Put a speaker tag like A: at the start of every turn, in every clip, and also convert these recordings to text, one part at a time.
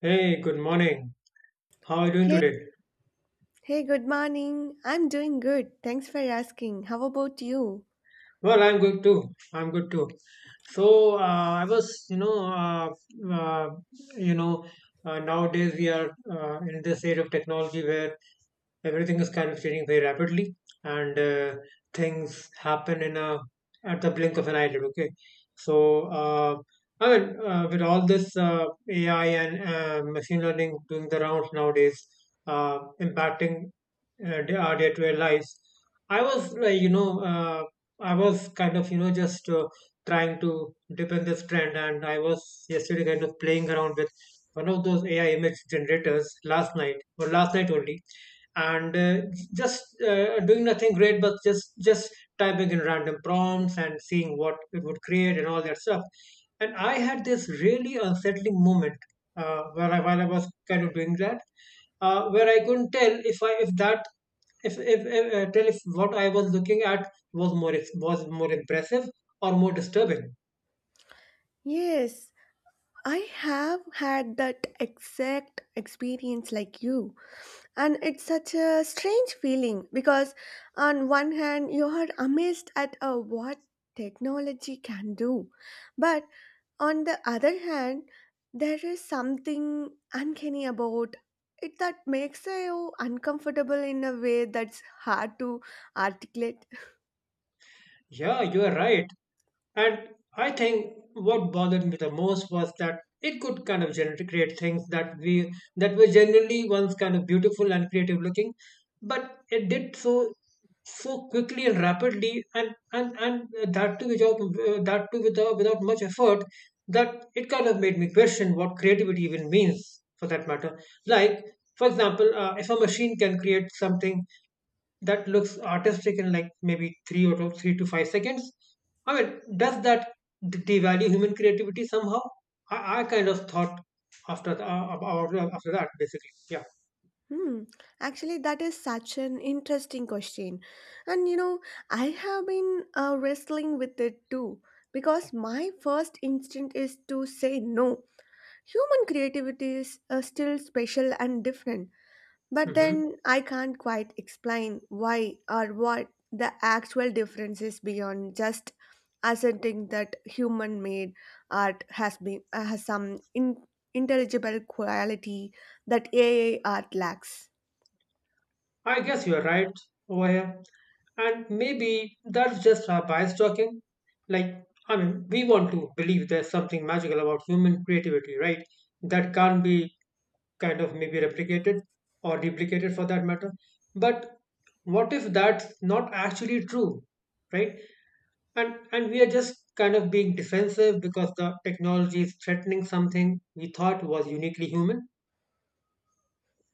A: Hey, good morning. How are you doing
B: Hey,
A: today?
B: hey, good morning. I'm doing good. Thanks for asking. How about you?
A: Well, I'm good too. I'm good too. So I was, you know, uh, you know, nowadays we are in this age of technology where everything is kind of changing very rapidly, and things happen in a at the blink of an eyelid. Okay, so I mean, with all this AI and machine learning doing the rounds nowadays, impacting our day-to-day lives. I was like, you know, uh, I was kind of, just trying to depend this trend, and I was yesterday kind of playing around with one of those AI image generators last night or last night only, and just doing nothing great, but just typing in random prompts and seeing what it would create and all that stuff. And I had this really unsettling moment while while I was kind of doing that, where I couldn't tell if I if that if tell if what I was looking at was more impressive or more disturbing.
B: Yes, I have had that exact experience like you. And it's such a strange feeling because, on one hand, you are amazed at what technology can do. But on the other hand, there is something uncanny about it that makes you uncomfortable in a way that's hard to articulate.
A: Yeah, you are right. And I think what bothered me the most was that it could kind of generate create things that we that were generally once kind of beautiful and creative looking, but it did so quickly and rapidly, and that too without much effort, that it kind of made me question what creativity even means for that matter. Like, for example, if a machine can create something that looks artistic in like maybe three or two, 3 to 5 seconds. I mean, does that devalue human creativity somehow? I kind of thought after that, basically. Yeah.
B: Hmm. Actually, that is such an interesting question. And you know, I have been wrestling with it too because my first instinct is to say no. Human creativity is still special and different, but
A: Hmm.
B: then I can't quite explain why or what the actual difference is beyond just asserting that human-made art has been has some intelligible quality that AI art lacks.
A: I guess you're right over here. And maybe that's just our bias talking. Like, I mean, we want to believe there's something magical about human creativity, right? That can't be kind of maybe replicated or duplicated for that matter. But what if that's not actually true, right? And we are just kind of being defensive because the technology is threatening something we thought was uniquely human.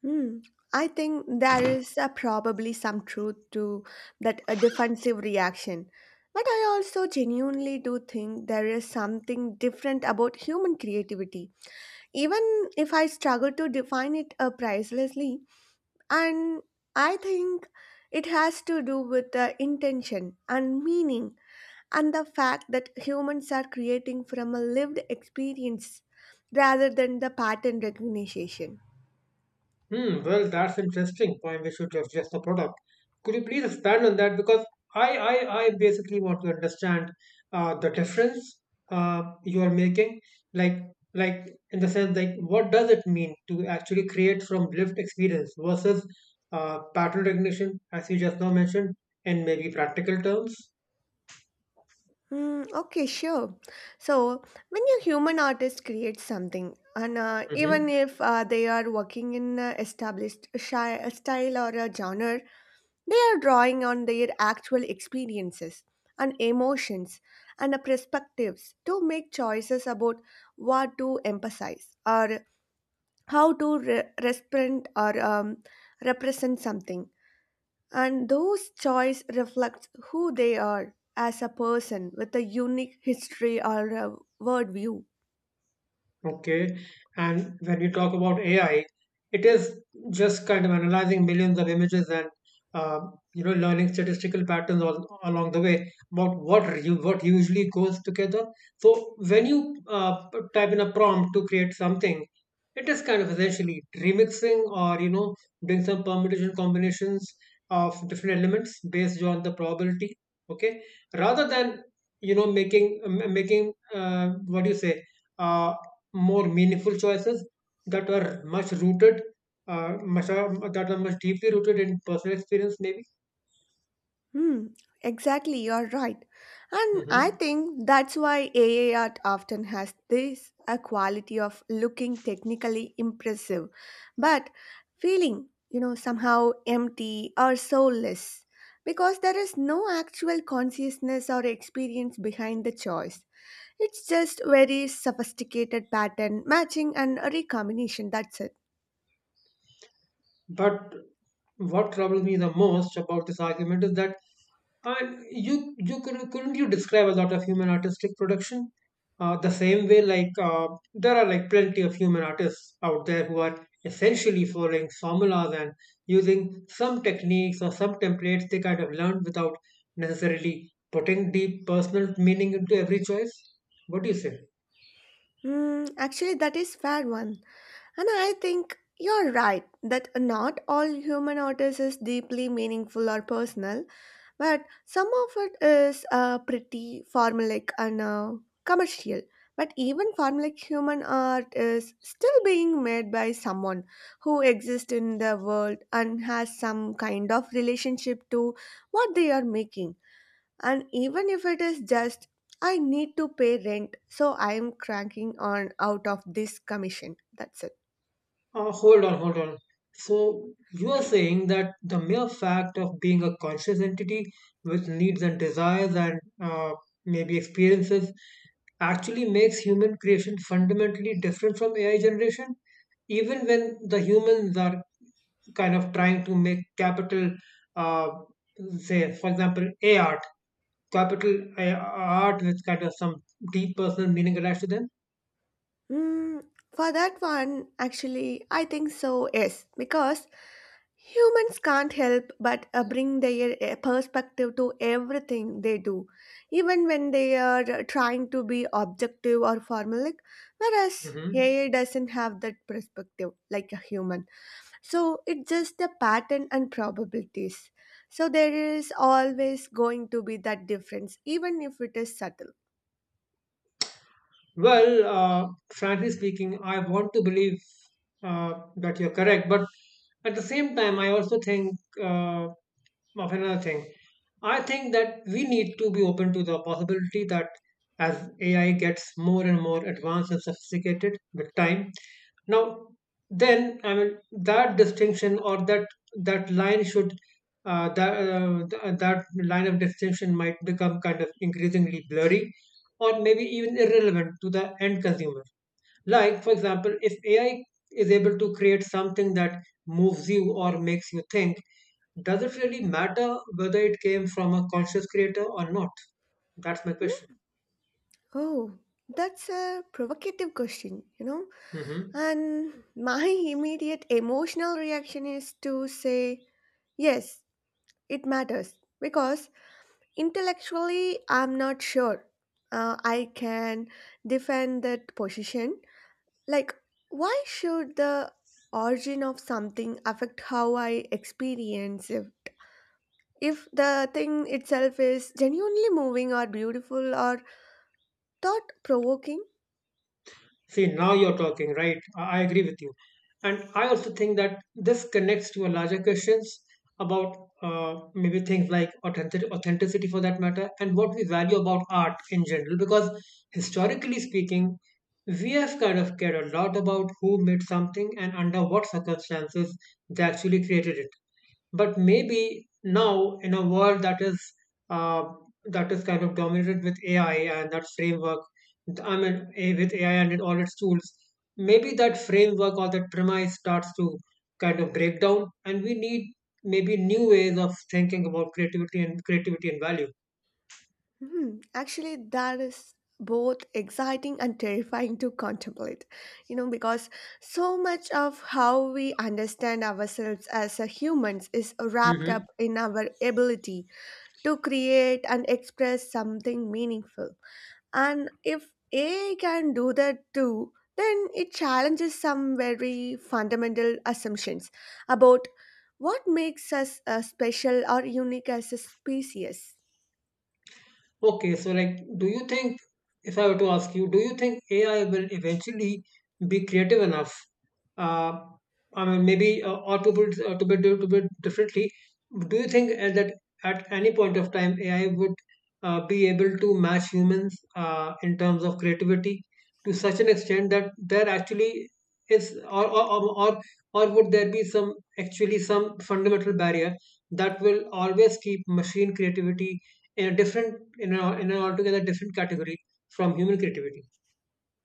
B: Hmm. I think there is probably some truth to that a defensive reaction. But I also genuinely do think there is something different about human creativity. Even if I struggle to define it pricelessly, and I think it has to do with the intention and meaning and the fact that humans are creating from a lived experience rather than the pattern recognition.
A: Hmm, well, that's interesting point. We should adjust the product. Could you please expand on that? Because I basically want to understand the difference you are making, like, like in the sense, like, what does it mean to actually create from lived experience versus pattern recognition, as you just now mentioned, in maybe practical terms?
B: Mm, okay, sure. So, when a human artist creates something, and even if they are working in established a style or a genre, they are drawing on their actual experiences and emotions and perspectives to make choices about what to emphasize or how to respond or represent something and those choice reflects who they are as a person with a unique history or a worldview.
A: Okay. And when you talk about AI, it is just kind of analyzing millions of images and uh, learning statistical patterns all along the way about what usually goes together. So when you type in a prompt to create something, it is kind of essentially remixing or doing some permutation combinations of different elements based on the probability. Okay, rather than making what do you say? uh, more meaningful choices that were much rooted, that are much deeply rooted in personal experience, maybe.
B: Hmm, exactly, you're right. And I
A: Hmm.
B: think that's why AI art often has this a quality of looking technically impressive, but feeling, you know, somehow empty or soulless because there is no actual consciousness or experience behind the choice. It's just very sophisticated pattern matching and a recombination, that's it.
A: But what troubles me the most about this argument is that, and you couldn't you describe a lot of human artistic production the same way, like there are like plenty of human artists out there who are essentially following formulas and using some techniques or some templates they kind of learned without necessarily putting deep personal meaning into every choice, what do you say?
B: Hmm. Actually, that is fair one. And I think you're right that not all human artists is deeply meaningful or personal, but some of it is pretty formulaic and commercial. But even formulaic human art is still being made by someone who exists in the world and has some kind of relationship to what they are making and even if it is just, I need to pay rent, so I am cranking on out of this commission. That's it.
A: Hold on, hold on. So you are saying that the mere fact of being a conscious entity with needs and desires and maybe experiences actually makes human creation fundamentally different from AI generation, even when the humans are kind of trying to make capital, uh, say, for example, A art, capital A art with kind of some deep personal meaning attached to them.
B: Mm, for that one, actually, I think so, yes, because humans can't help but bring their perspective to everything they do, even when they are trying to be objective or formulaic, whereas
A: Hmm.
B: AI doesn't have that perspective like a human. So it's just the pattern and probabilities. So there is always going to be that difference, even if it is subtle.
A: Well, frankly speaking, I want to believe uh, that you're correct, but at the same time, I also think of another thing. I think that we need to be open to the possibility that as AI gets more and more advanced and sophisticated with time, now then I mean that distinction, or that that line should that th- that line of distinction might become kind of increasingly blurry or maybe even irrelevant to the end consumer. Like, for example, if AI is able to create something that moves you or makes you think, does it really matter whether it came from a conscious creator or not? That's my question.
B: Oh, that's a provocative question, you know.
A: Hmm.
B: And my immediate emotional reaction is to say, yes, it matters because intellectually I'm not sure I can defend that position. Like, why should the origin of something affect how I experience it? If the thing itself is genuinely moving or beautiful or thought provoking.
A: See, now you're talking, right? I agree with you. And I also think that this connects to a larger questions about maybe things like authenticity for that matter, and what we value about art in general. Because historically speaking, we have kind of cared a lot about who made something and under what circumstances they actually created it. But maybe now, in a world that is uh, kind of dominated with AI and that framework, I mean, with AI and all its tools, maybe that framework or that premise starts to kind of break down, and we need maybe new ways of thinking about creativity and value.
B: Hmm, actually, that is both exciting and terrifying to contemplate. You know, because so much of how we understand ourselves as a humans is wrapped
A: Hmm.
B: up in our ability to create and express something meaningful. And if AI can do that too, then it challenges some very fundamental assumptions about what makes us special or unique as a species.
A: Okay, so like, if I were to ask you, do you think AI will eventually be creative enough? Uh, I mean, maybe, to put differently, do you think that at any point of time AI would be able to match humans in terms of creativity to such an extent that there actually is, or would there be some fundamental barrier that will always keep machine creativity in a different in a in an altogether different category from human creativity?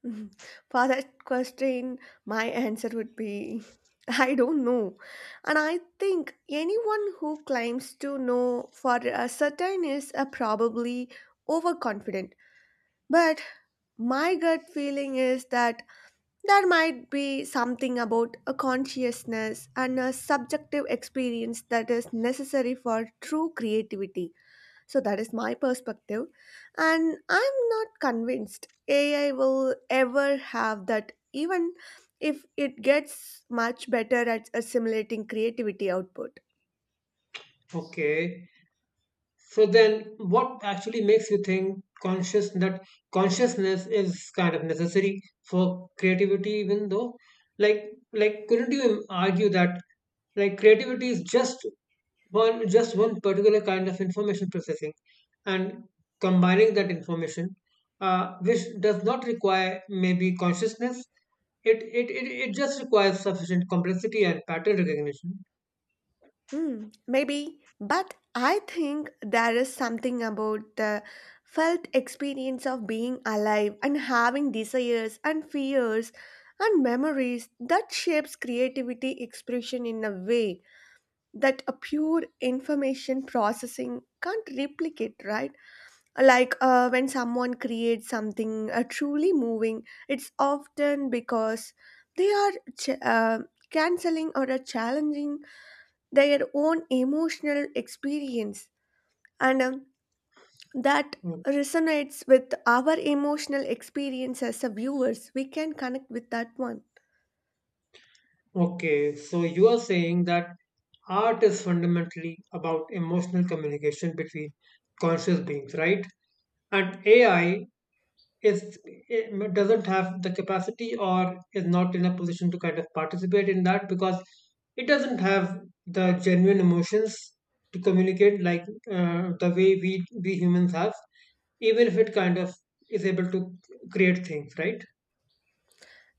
B: Mhm. For that question, my answer would be I don't know. And I think anyone who claims to know for a certain is probably overconfident. But my gut feeling is that there might be something about a consciousness and a subjective experience that is necessary for true creativity. So, that is my perspective. And I'm not convinced AI will ever have that, even if it gets much better at assimilating creativity output.
A: Okay, so then what actually makes you think conscious that consciousness is kind of necessary for creativity, even though, like like couldn't you argue that, like, creativity is just one particular kind of information processing and combining that information, which does not require maybe consciousness. It just requires sufficient complexity and pattern recognition.
B: Hmm, maybe, but I think there is something about the felt experience of being alive and having desires and fears and memories that shapes creativity expression in a way that a pure information processing can't replicate, right? Like when someone creates something truly moving, it's often because they are ch- uh, canceling or challenging their own emotional experience, and that
A: O-
B: resonates with our emotional experience as a viewers. We can connect with that one.
A: Okay, so you are saying that art is fundamentally about emotional communication between conscious beings, right? And AI, is it doesn't have the capacity, or is not in a position to kind of participate in that, because it doesn't have the genuine emotions to communicate like the way we humans have, even if it kind of is able to create things, right?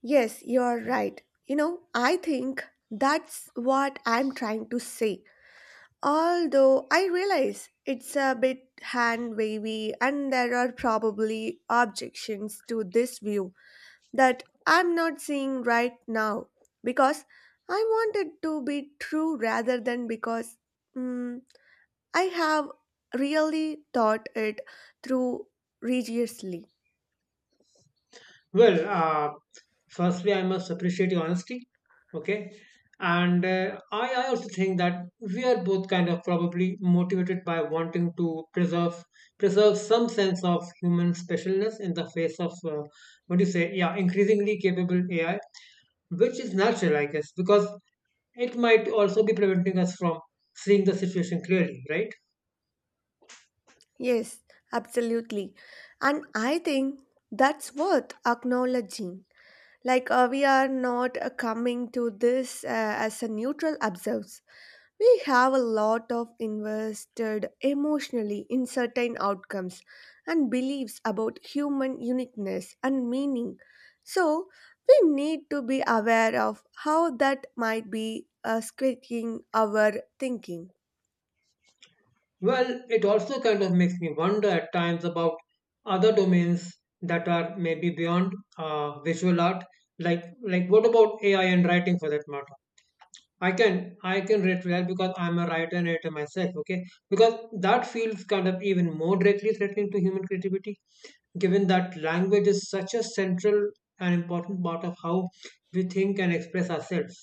B: Yes, you're right. You know, I think that's what I'm trying to say. Although I realize it's a bit hand wavy and there are probably objections to this view that I'm not seeing right now because I wanted to be true rather than because mm, I have really thought it through religiously.
A: Well, firstly, I must appreciate your honesty. Okay. And I also think that we are both kind of probably motivated by wanting to preserve some sense of human specialness in the face of what do you say? Yeah, increasingly capable AI, which is natural, I guess, because it might also be preventing us from seeing the situation clearly, right?
B: Yes, absolutely. And I think that's worth acknowledging. Like, we are not coming to this as a neutral observer. We have a lot of invested emotionally in certain outcomes and beliefs about human uniqueness and meaning. So, we need to be aware of how that might be squeaking our thinking.
A: Well, it also kind of makes me wonder at times about other domains that are maybe beyond visual art. Like what about AI and writing for that matter? I can relate to that because I'm a writer and editor myself. Okay, because that feels kind of even more directly threatening to human creativity, given that language is such a central and important part of how we think and express ourselves.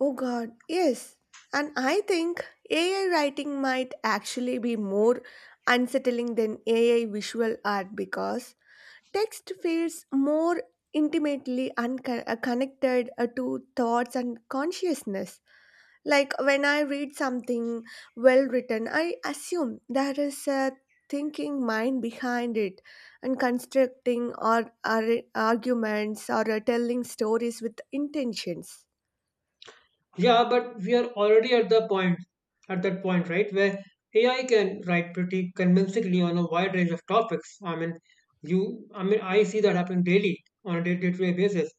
B: Oh god, yes. And I think AI writing might actually be more unsettling than AI visual art because text feels more intimately connected to thoughts and consciousness. Like when I read something well written, I assume there is a thinking mind behind it and constructing or arguments or telling stories with intentions.
A: Yeah, but we are already at that point, right, where AI can write pretty convincingly on a wide range of topics. I mean, I see that happen daily on a day-to-day basis,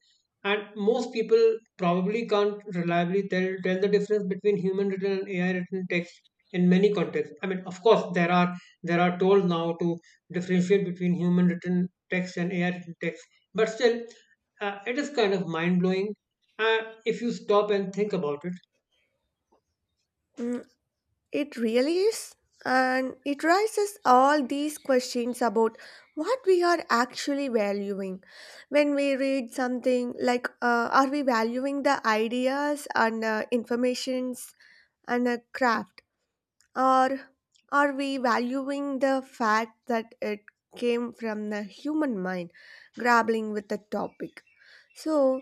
A: and most people probably can't reliably tell the difference between human written and AI written text in many contexts. I mean, of course, there are tools now to differentiate between human written text and AI written text, but still, it is kind of mind blowing uh, if you stop and think about it.
B: Mm, it really is. And it raises all these questions about what we are actually valuing. When we read something like, are we valuing the ideas and informations and a craft? Or are we valuing the fact that it came from the human mind grappling with the topic? So,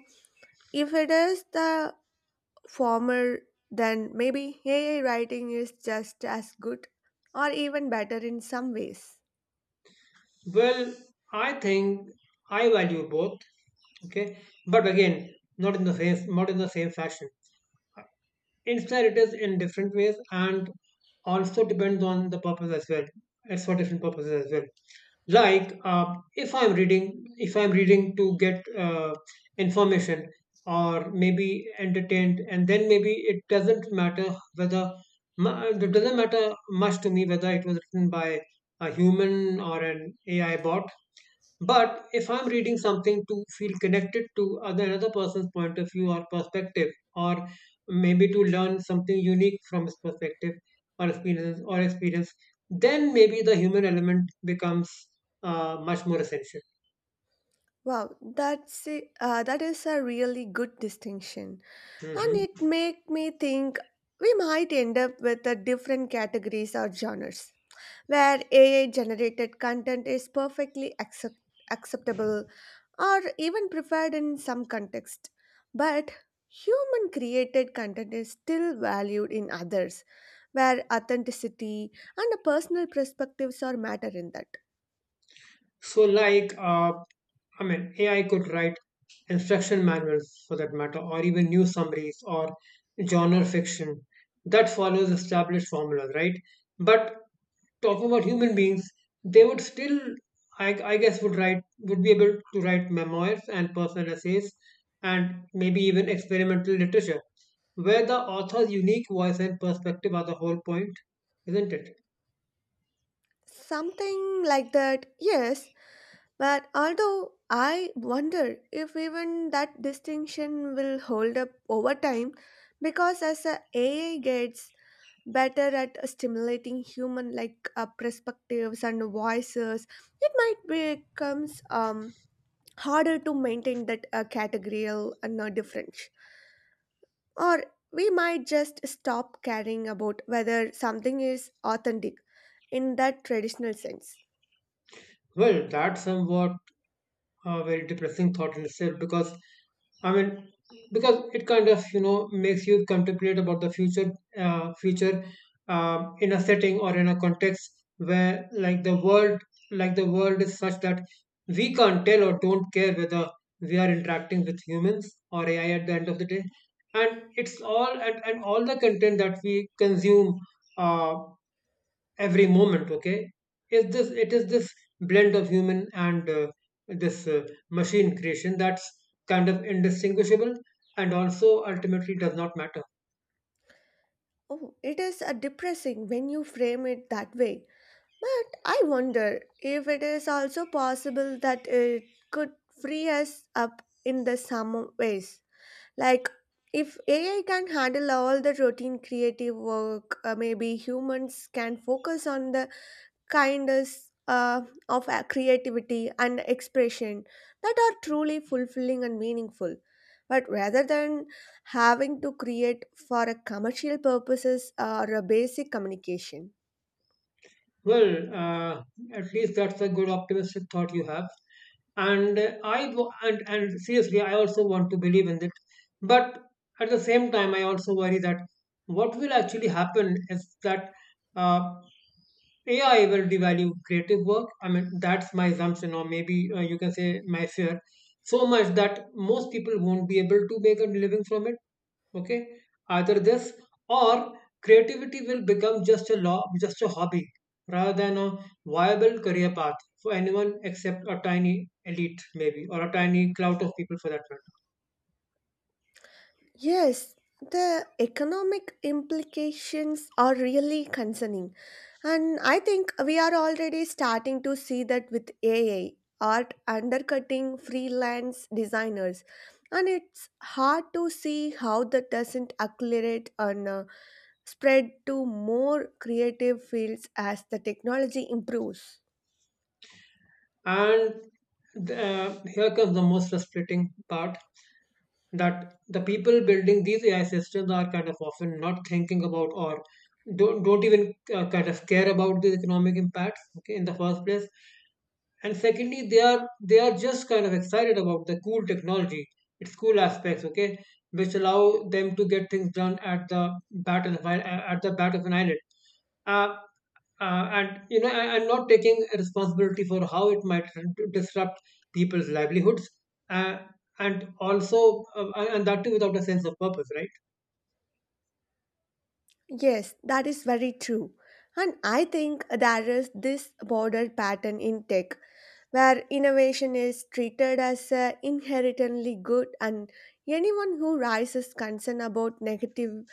B: if it is the former, then maybe AI writing is just as good or even better in some ways.
A: Well, I think I value both. Okay, but again, not in the same fashion. Instead, it is in different ways, and also depends on the purpose as well. It's for different purposes as well. Like, if I'm reading to get information or maybe entertained, and then maybe it doesn't matter much to me whether it was written by a human or an AI bot. But if I'm reading something to feel connected to other another person's point of view or perspective, or maybe to learn something unique from his perspective or experience, then maybe the human element becomes much more essential.
B: Wow, that's a, that is a really good distinction, and it
A: Mm-hmm.
B: make me think we might end up with a different categories or genres where AI generated content is perfectly acceptable or even preferred in some context. But human created content is still valued in others, where authenticity and the personal perspectives are matter in that.
A: So, like, I mean, AI could write instruction manuals for that matter, or even news summaries or genre fiction that follows established formulas, right? But talking about human beings, they would still, I guess, would write, would be able to write memoirs and personal essays, and maybe even experimental literature, where the author's unique voice and perspective are the whole point, isn't it?
B: Something like that, yes, but although I wonder if even that distinction will hold up over time because as a AI gets better at stimulating human like perspectives and voices, it might becomes harder to maintain that categorical no difference, or we might just stop caring about whether something is authentic in that traditional sense.
A: Well, that's somewhat a very depressing thought in itself because I mean, because it kind of makes you contemplate about the future, future in a setting or in a context where like the world is such that we can't tell or don't care whether we are interacting with humans or AI at the end of the day, and it's all and all the content that we consume. Uh, every moment, okay, is this blend of human and, this machine creation that's kind of indistinguishable and also ultimately does not matter.
B: Oh, it is depressing when you frame it that way, but I wonder if it is also possible that it could free us up in the some ways. Like, if AI can handle all the routine creative work, maybe humans can focus on the kindness of creativity and expression that are truly fulfilling and meaningful. But rather than having to create for a commercial purposes or a basic communication.
A: Well, uh, at least that's a good optimistic thought you have, and I wo- and seriously I also want to believe in it, but at the same time I also worry that what will actually happen is that uh, AI will devalue creative work. I mean, that's my assumption, or maybe, you can say my fear, so much that most people won't be able to make a living from it. Okay, either this, or creativity will become just a law, just a hobby, rather than a viable career path for anyone except a tiny elite, maybe, or a tiny clout of people for that
B: Yes, the economic implications are really concerning. And I think we are already starting to see that with AI, art undercutting freelance designers. And it's hard to see how that doesn't accelerate and spread to more creative fields as the technology improves.
A: matter. And the, here comes the most frustrating part, that the people building these AI systems are kind of often not thinking about or don't even kind of care about the economic impacts, okay, in the first place, and secondly, they are just kind of excited about the cool technology, its cool aspects, okay, which allow them to get things done at the bat of an, at the bat of an island, uh, and you know and not taking responsibility for how it might disrupt people's livelihoods, uh, and also, and that too without a sense of purpose, right?
B: Yes, that is very true. And I think there is this border pattern in tech where innovation is treated as inherently good and anyone who raises concern about negative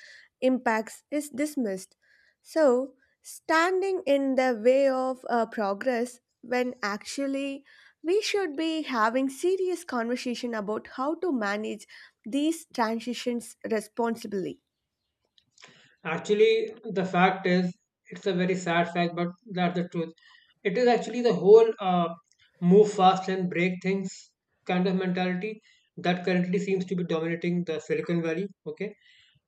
B: impacts is dismissed. So, standing in the way of progress when actually we should be having serious conversation about how to manage these transitions responsibly.
A: Actually, the fact is, it's a very sad fact, but that's the truth. It is actually the whole move fast and break things kind of mentality that currently seems to be dominating the Silicon Valley, okay?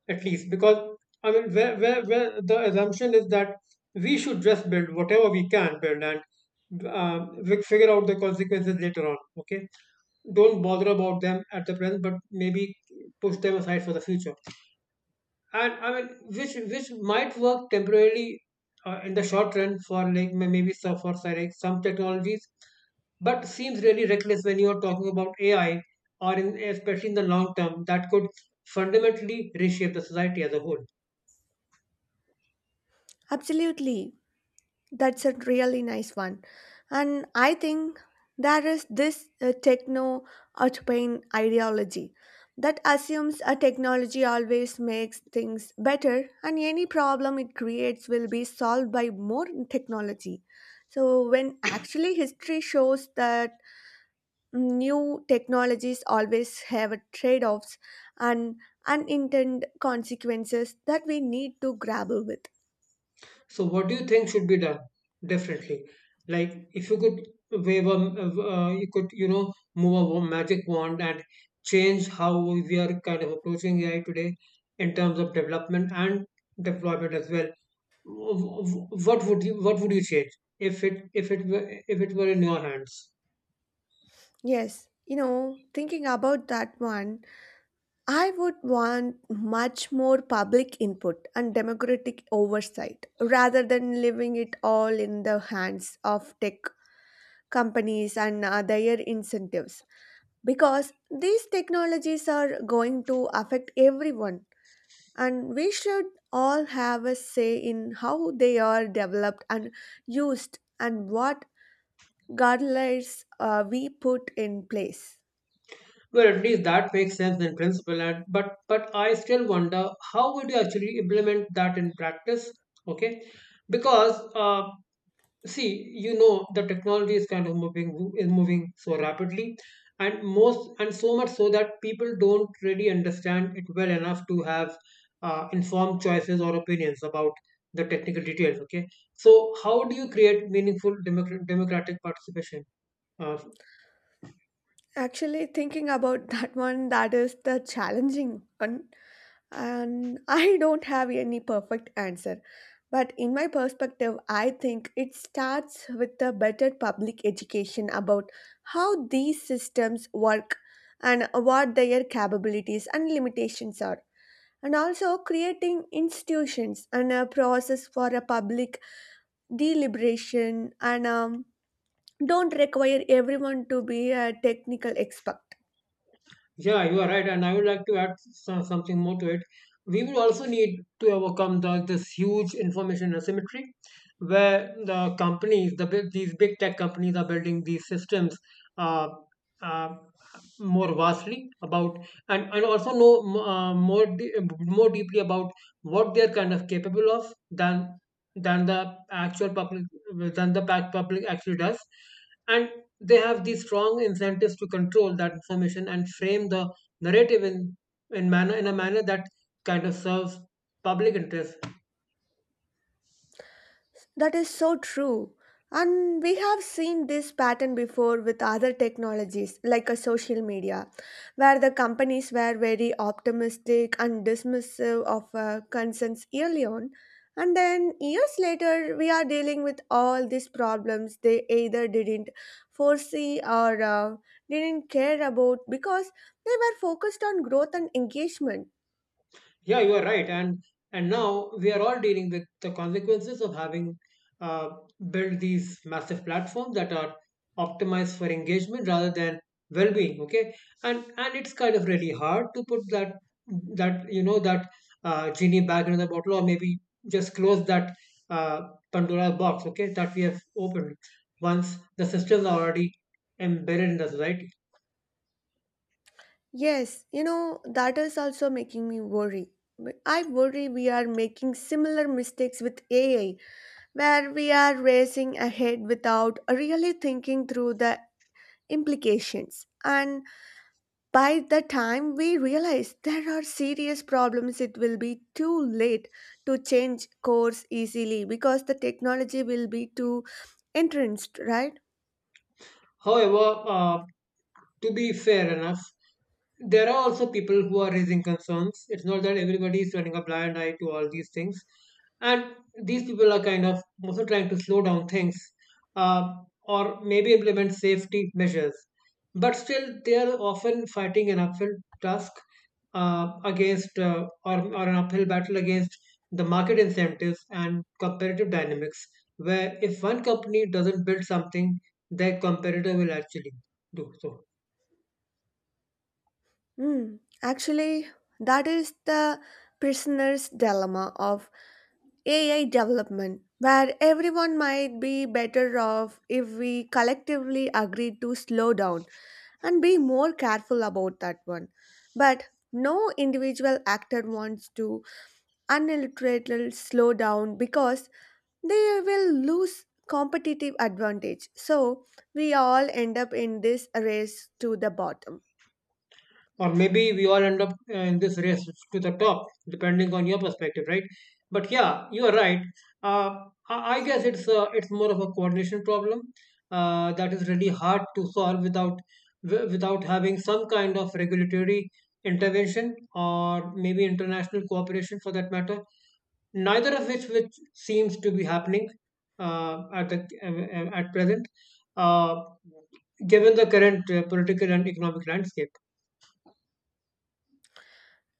A: At least because, I mean, where the assumption is that we should just build whatever we can build, and we figure out the consequences later on, okay? Don't bother about them at the present, but maybe push them aside for the future, and I mean, which might work temporarily in the short run for like for say, like some technologies, but seems really reckless when you are talking about AI, or in, especially in the long term, that could fundamentally reshape the society as a whole.
B: Absolutely. That's a really nice one. And I think there is this techno utopian ideology that assumes a technology always makes things better and any problem it creates will be solved by more technology. So, when actually history shows that new technologies always have trade offs and unintended consequences that we need to grapple with.
A: So what do you think should be done differently? Like if you could wave a, you could, you know, magic wand and change how we are kind of approaching AI today in terms of development and deployment as well. What would you change if it were in your hands?
B: Yes, you know, thinking about that one, I would want much more public input and democratic oversight rather than leaving it all in the hands of tech companies and their incentives because these technologies are going to affect everyone and we should all have a say in how they are developed and used and what guidelines we put in place.
A: Well, at least that makes sense in principle, and but I still wonder, how would you actually implement that in practice? Okay, because see, you know, the technology is kind of moving so rapidly, and so much so that people don't really understand it well enough to have informed choices or opinions about the technical details, okay? So how do you create meaningful democratic participation? uh,
B: Actually, thinking about that one, that is the challenging one, and I don't have any perfect answer. But in my perspective, I think it starts with a better public education about how these systems work and what their capabilities and limitations are. And also creating institutions and a process for a public deliberation and don't require everyone to be a technical expert.
A: Yeah, you are right, and I would like to add some, something more to it. We will also need to overcome the, this huge information asymmetry, where the companies, the big, these big tech companies, are building these systems. Uh, uh, More vastly about, and also know more deeply about what they're kind of capable of, than the actual public, than the pack public actually does, and they have these strong incentives to control that information and frame the narrative in manner in a manner that kind of serves public interest.
B: That is so true. And we have seen this pattern before with other technologies like a social media, where the companies were very optimistic and dismissive of concerns early on. And then years later, we are dealing with all these problems they either didn't foresee or didn't care about because they were focused on growth and engagement.
A: Yeah, you are right. And now we are all dealing with the consequences of having uh, built these massive platforms that are optimized for engagement rather than well-being. Okay, and it's kind of really hard to put that that that genie back into the bottle, or maybe just close that uh, Pandora box, okay, that we have opened, once the systems are already embedded in the society.
B: Yes, you know, that is also making me worry. But I worry we are making similar mistakes with AI, where we are racing ahead without really thinking through the implications. And by the time we realize there are serious problems, it will be too late to change course easily because the technology will be too entrenched, right?
A: However, to be fair enough, there are also people who are raising concerns. It's not that everybody is turning a blind eye to all these things. And these people are kind of also trying to slow down things, uh, or maybe implement safety measures. But still, they are often fighting an uphill task, or an uphill battle against the market incentives and competitive dynamics, where if one company doesn't build something, the comparator will actually do so.
B: Hmm. Actually, that is the prisoner's dilemma of AI development, where everyone might be better off if we collectively agree to slow down and be more careful about that one. But no individual actor wants to unilaterally slow down because they will lose competitive advantage. So we all end up in this race to the bottom.
A: Or maybe we all end up in this race to the top, depending on your perspective, right? But yeah, you are right. uh, I guess it's, it's more of a coordination problem that is really hard to solve without without having some kind of regulatory intervention, or maybe international cooperation for that matter, neither of which seems to be happening, uh, at the, at present, uh, given the current political and economic landscape.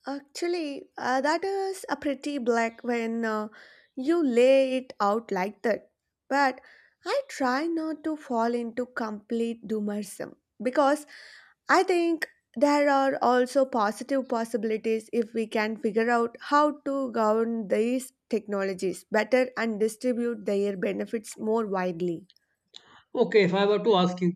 B: Actually, that is a pretty black when you lay it out like that. But I try not to fall into complete doomerism because I think there are also positive possibilities if we can figure out how to govern these technologies better and distribute their benefits more widely.
A: Okay, if I were to ask you,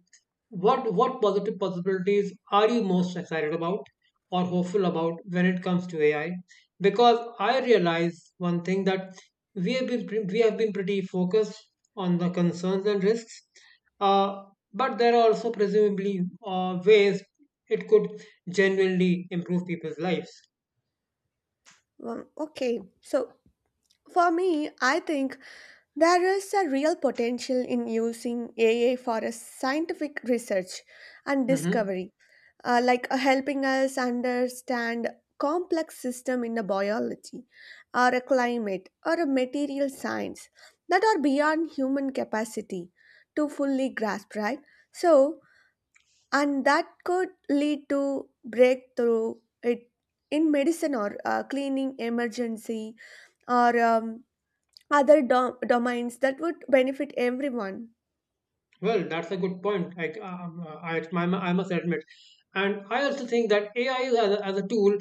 A: what positive possibilities are you most excited about or hopeful about when it comes to AI? Because I realize one thing, that we have been pretty focused on the concerns and risks, uh, but there are also presumably ways it could genuinely improve people's lives.
B: Okay, so for me, I think there is a real potential in using AI for a scientific research and
A: Mm-hmm.
B: discovery, like helping us understand complex system in a biology or a climate or a material science that are beyond human capacity to fully grasp, right? So, and that could lead to breakthrough it in medicine or cleaning emergency or other domains that would benefit everyone.
A: Well, that's a good point, I, I must admit. And I also think that AI is as as a tool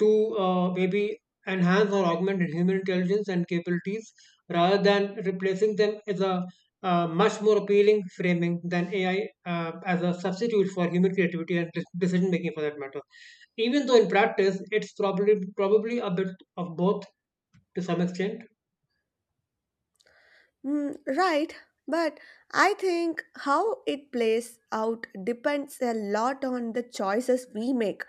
A: to, maybe enhance or augment human intelligence and capabilities rather than replacing them, is a much more appealing framing than AI as a substitute for human creativity and decision making for that matter. Even though in practice it's probably a bit of both to some extent.
B: Mm, right, but I think how it plays out depends a lot on the choices we make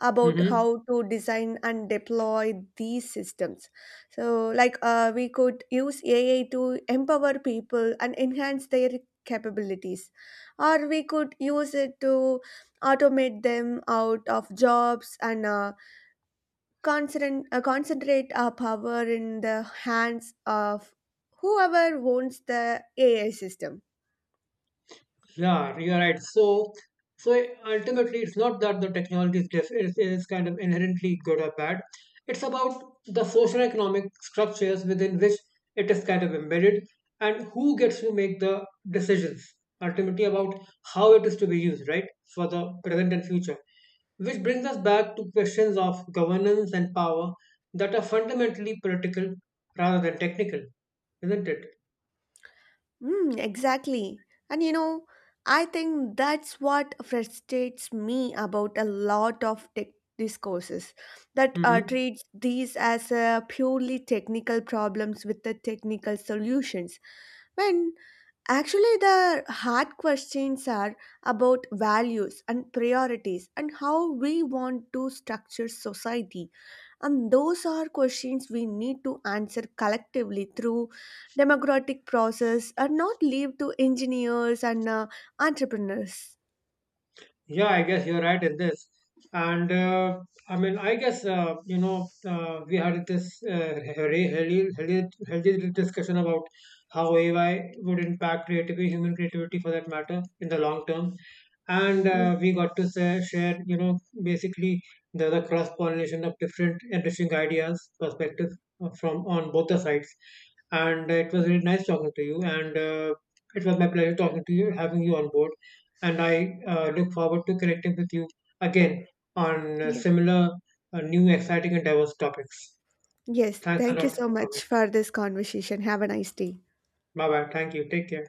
B: about
A: Mm-hmm.
B: how to design and deploy these systems. So, like, we could use AI to empower people and enhance their capabilities, or we could use it to automate them out of jobs and concentrate our power in the hands of whoever owns the AI system.
A: Yeah, you're right. So, so ultimately, it's not that the technology is, is kind of inherently good or bad. It's about the social economic structures within which it is kind of embedded, and who gets to make the decisions ultimately about how it is to be used, right, for the present and future. Which brings us back to questions of governance and power that are fundamentally political rather than technical, isn't it?
B: Mm, exactly. And you know, I think that's what frustrates me about a lot of tech discourses that
A: Hmm.
B: treats these as purely technical problems with the technical solutions. When actually, the hard questions are about values and priorities and how we want to structure society. And those are questions we need to answer collectively through democratic process and not leave to engineers and entrepreneurs.
A: Yeah, I guess you're right in this. And I mean, I guess we had this healthy discussion about how AI would impact creativity, human creativity for that matter, in the long term. And
B: Yes,
A: we got to say, share, you know, basically the cross pollination of different interesting ideas, perspectives, from on both the sides. And it was really nice talking to you. And it was my pleasure talking to you, having you on board. And I look forward to connecting with you again on
B: yes.
A: similar, new, exciting, and diverse topics.
B: Yes,
A: Thanks a
B: thank you
A: lot for
B: so
A: coming.
B: much for this conversation. Have a nice day.
A: Bye bye. Thank you. Take care.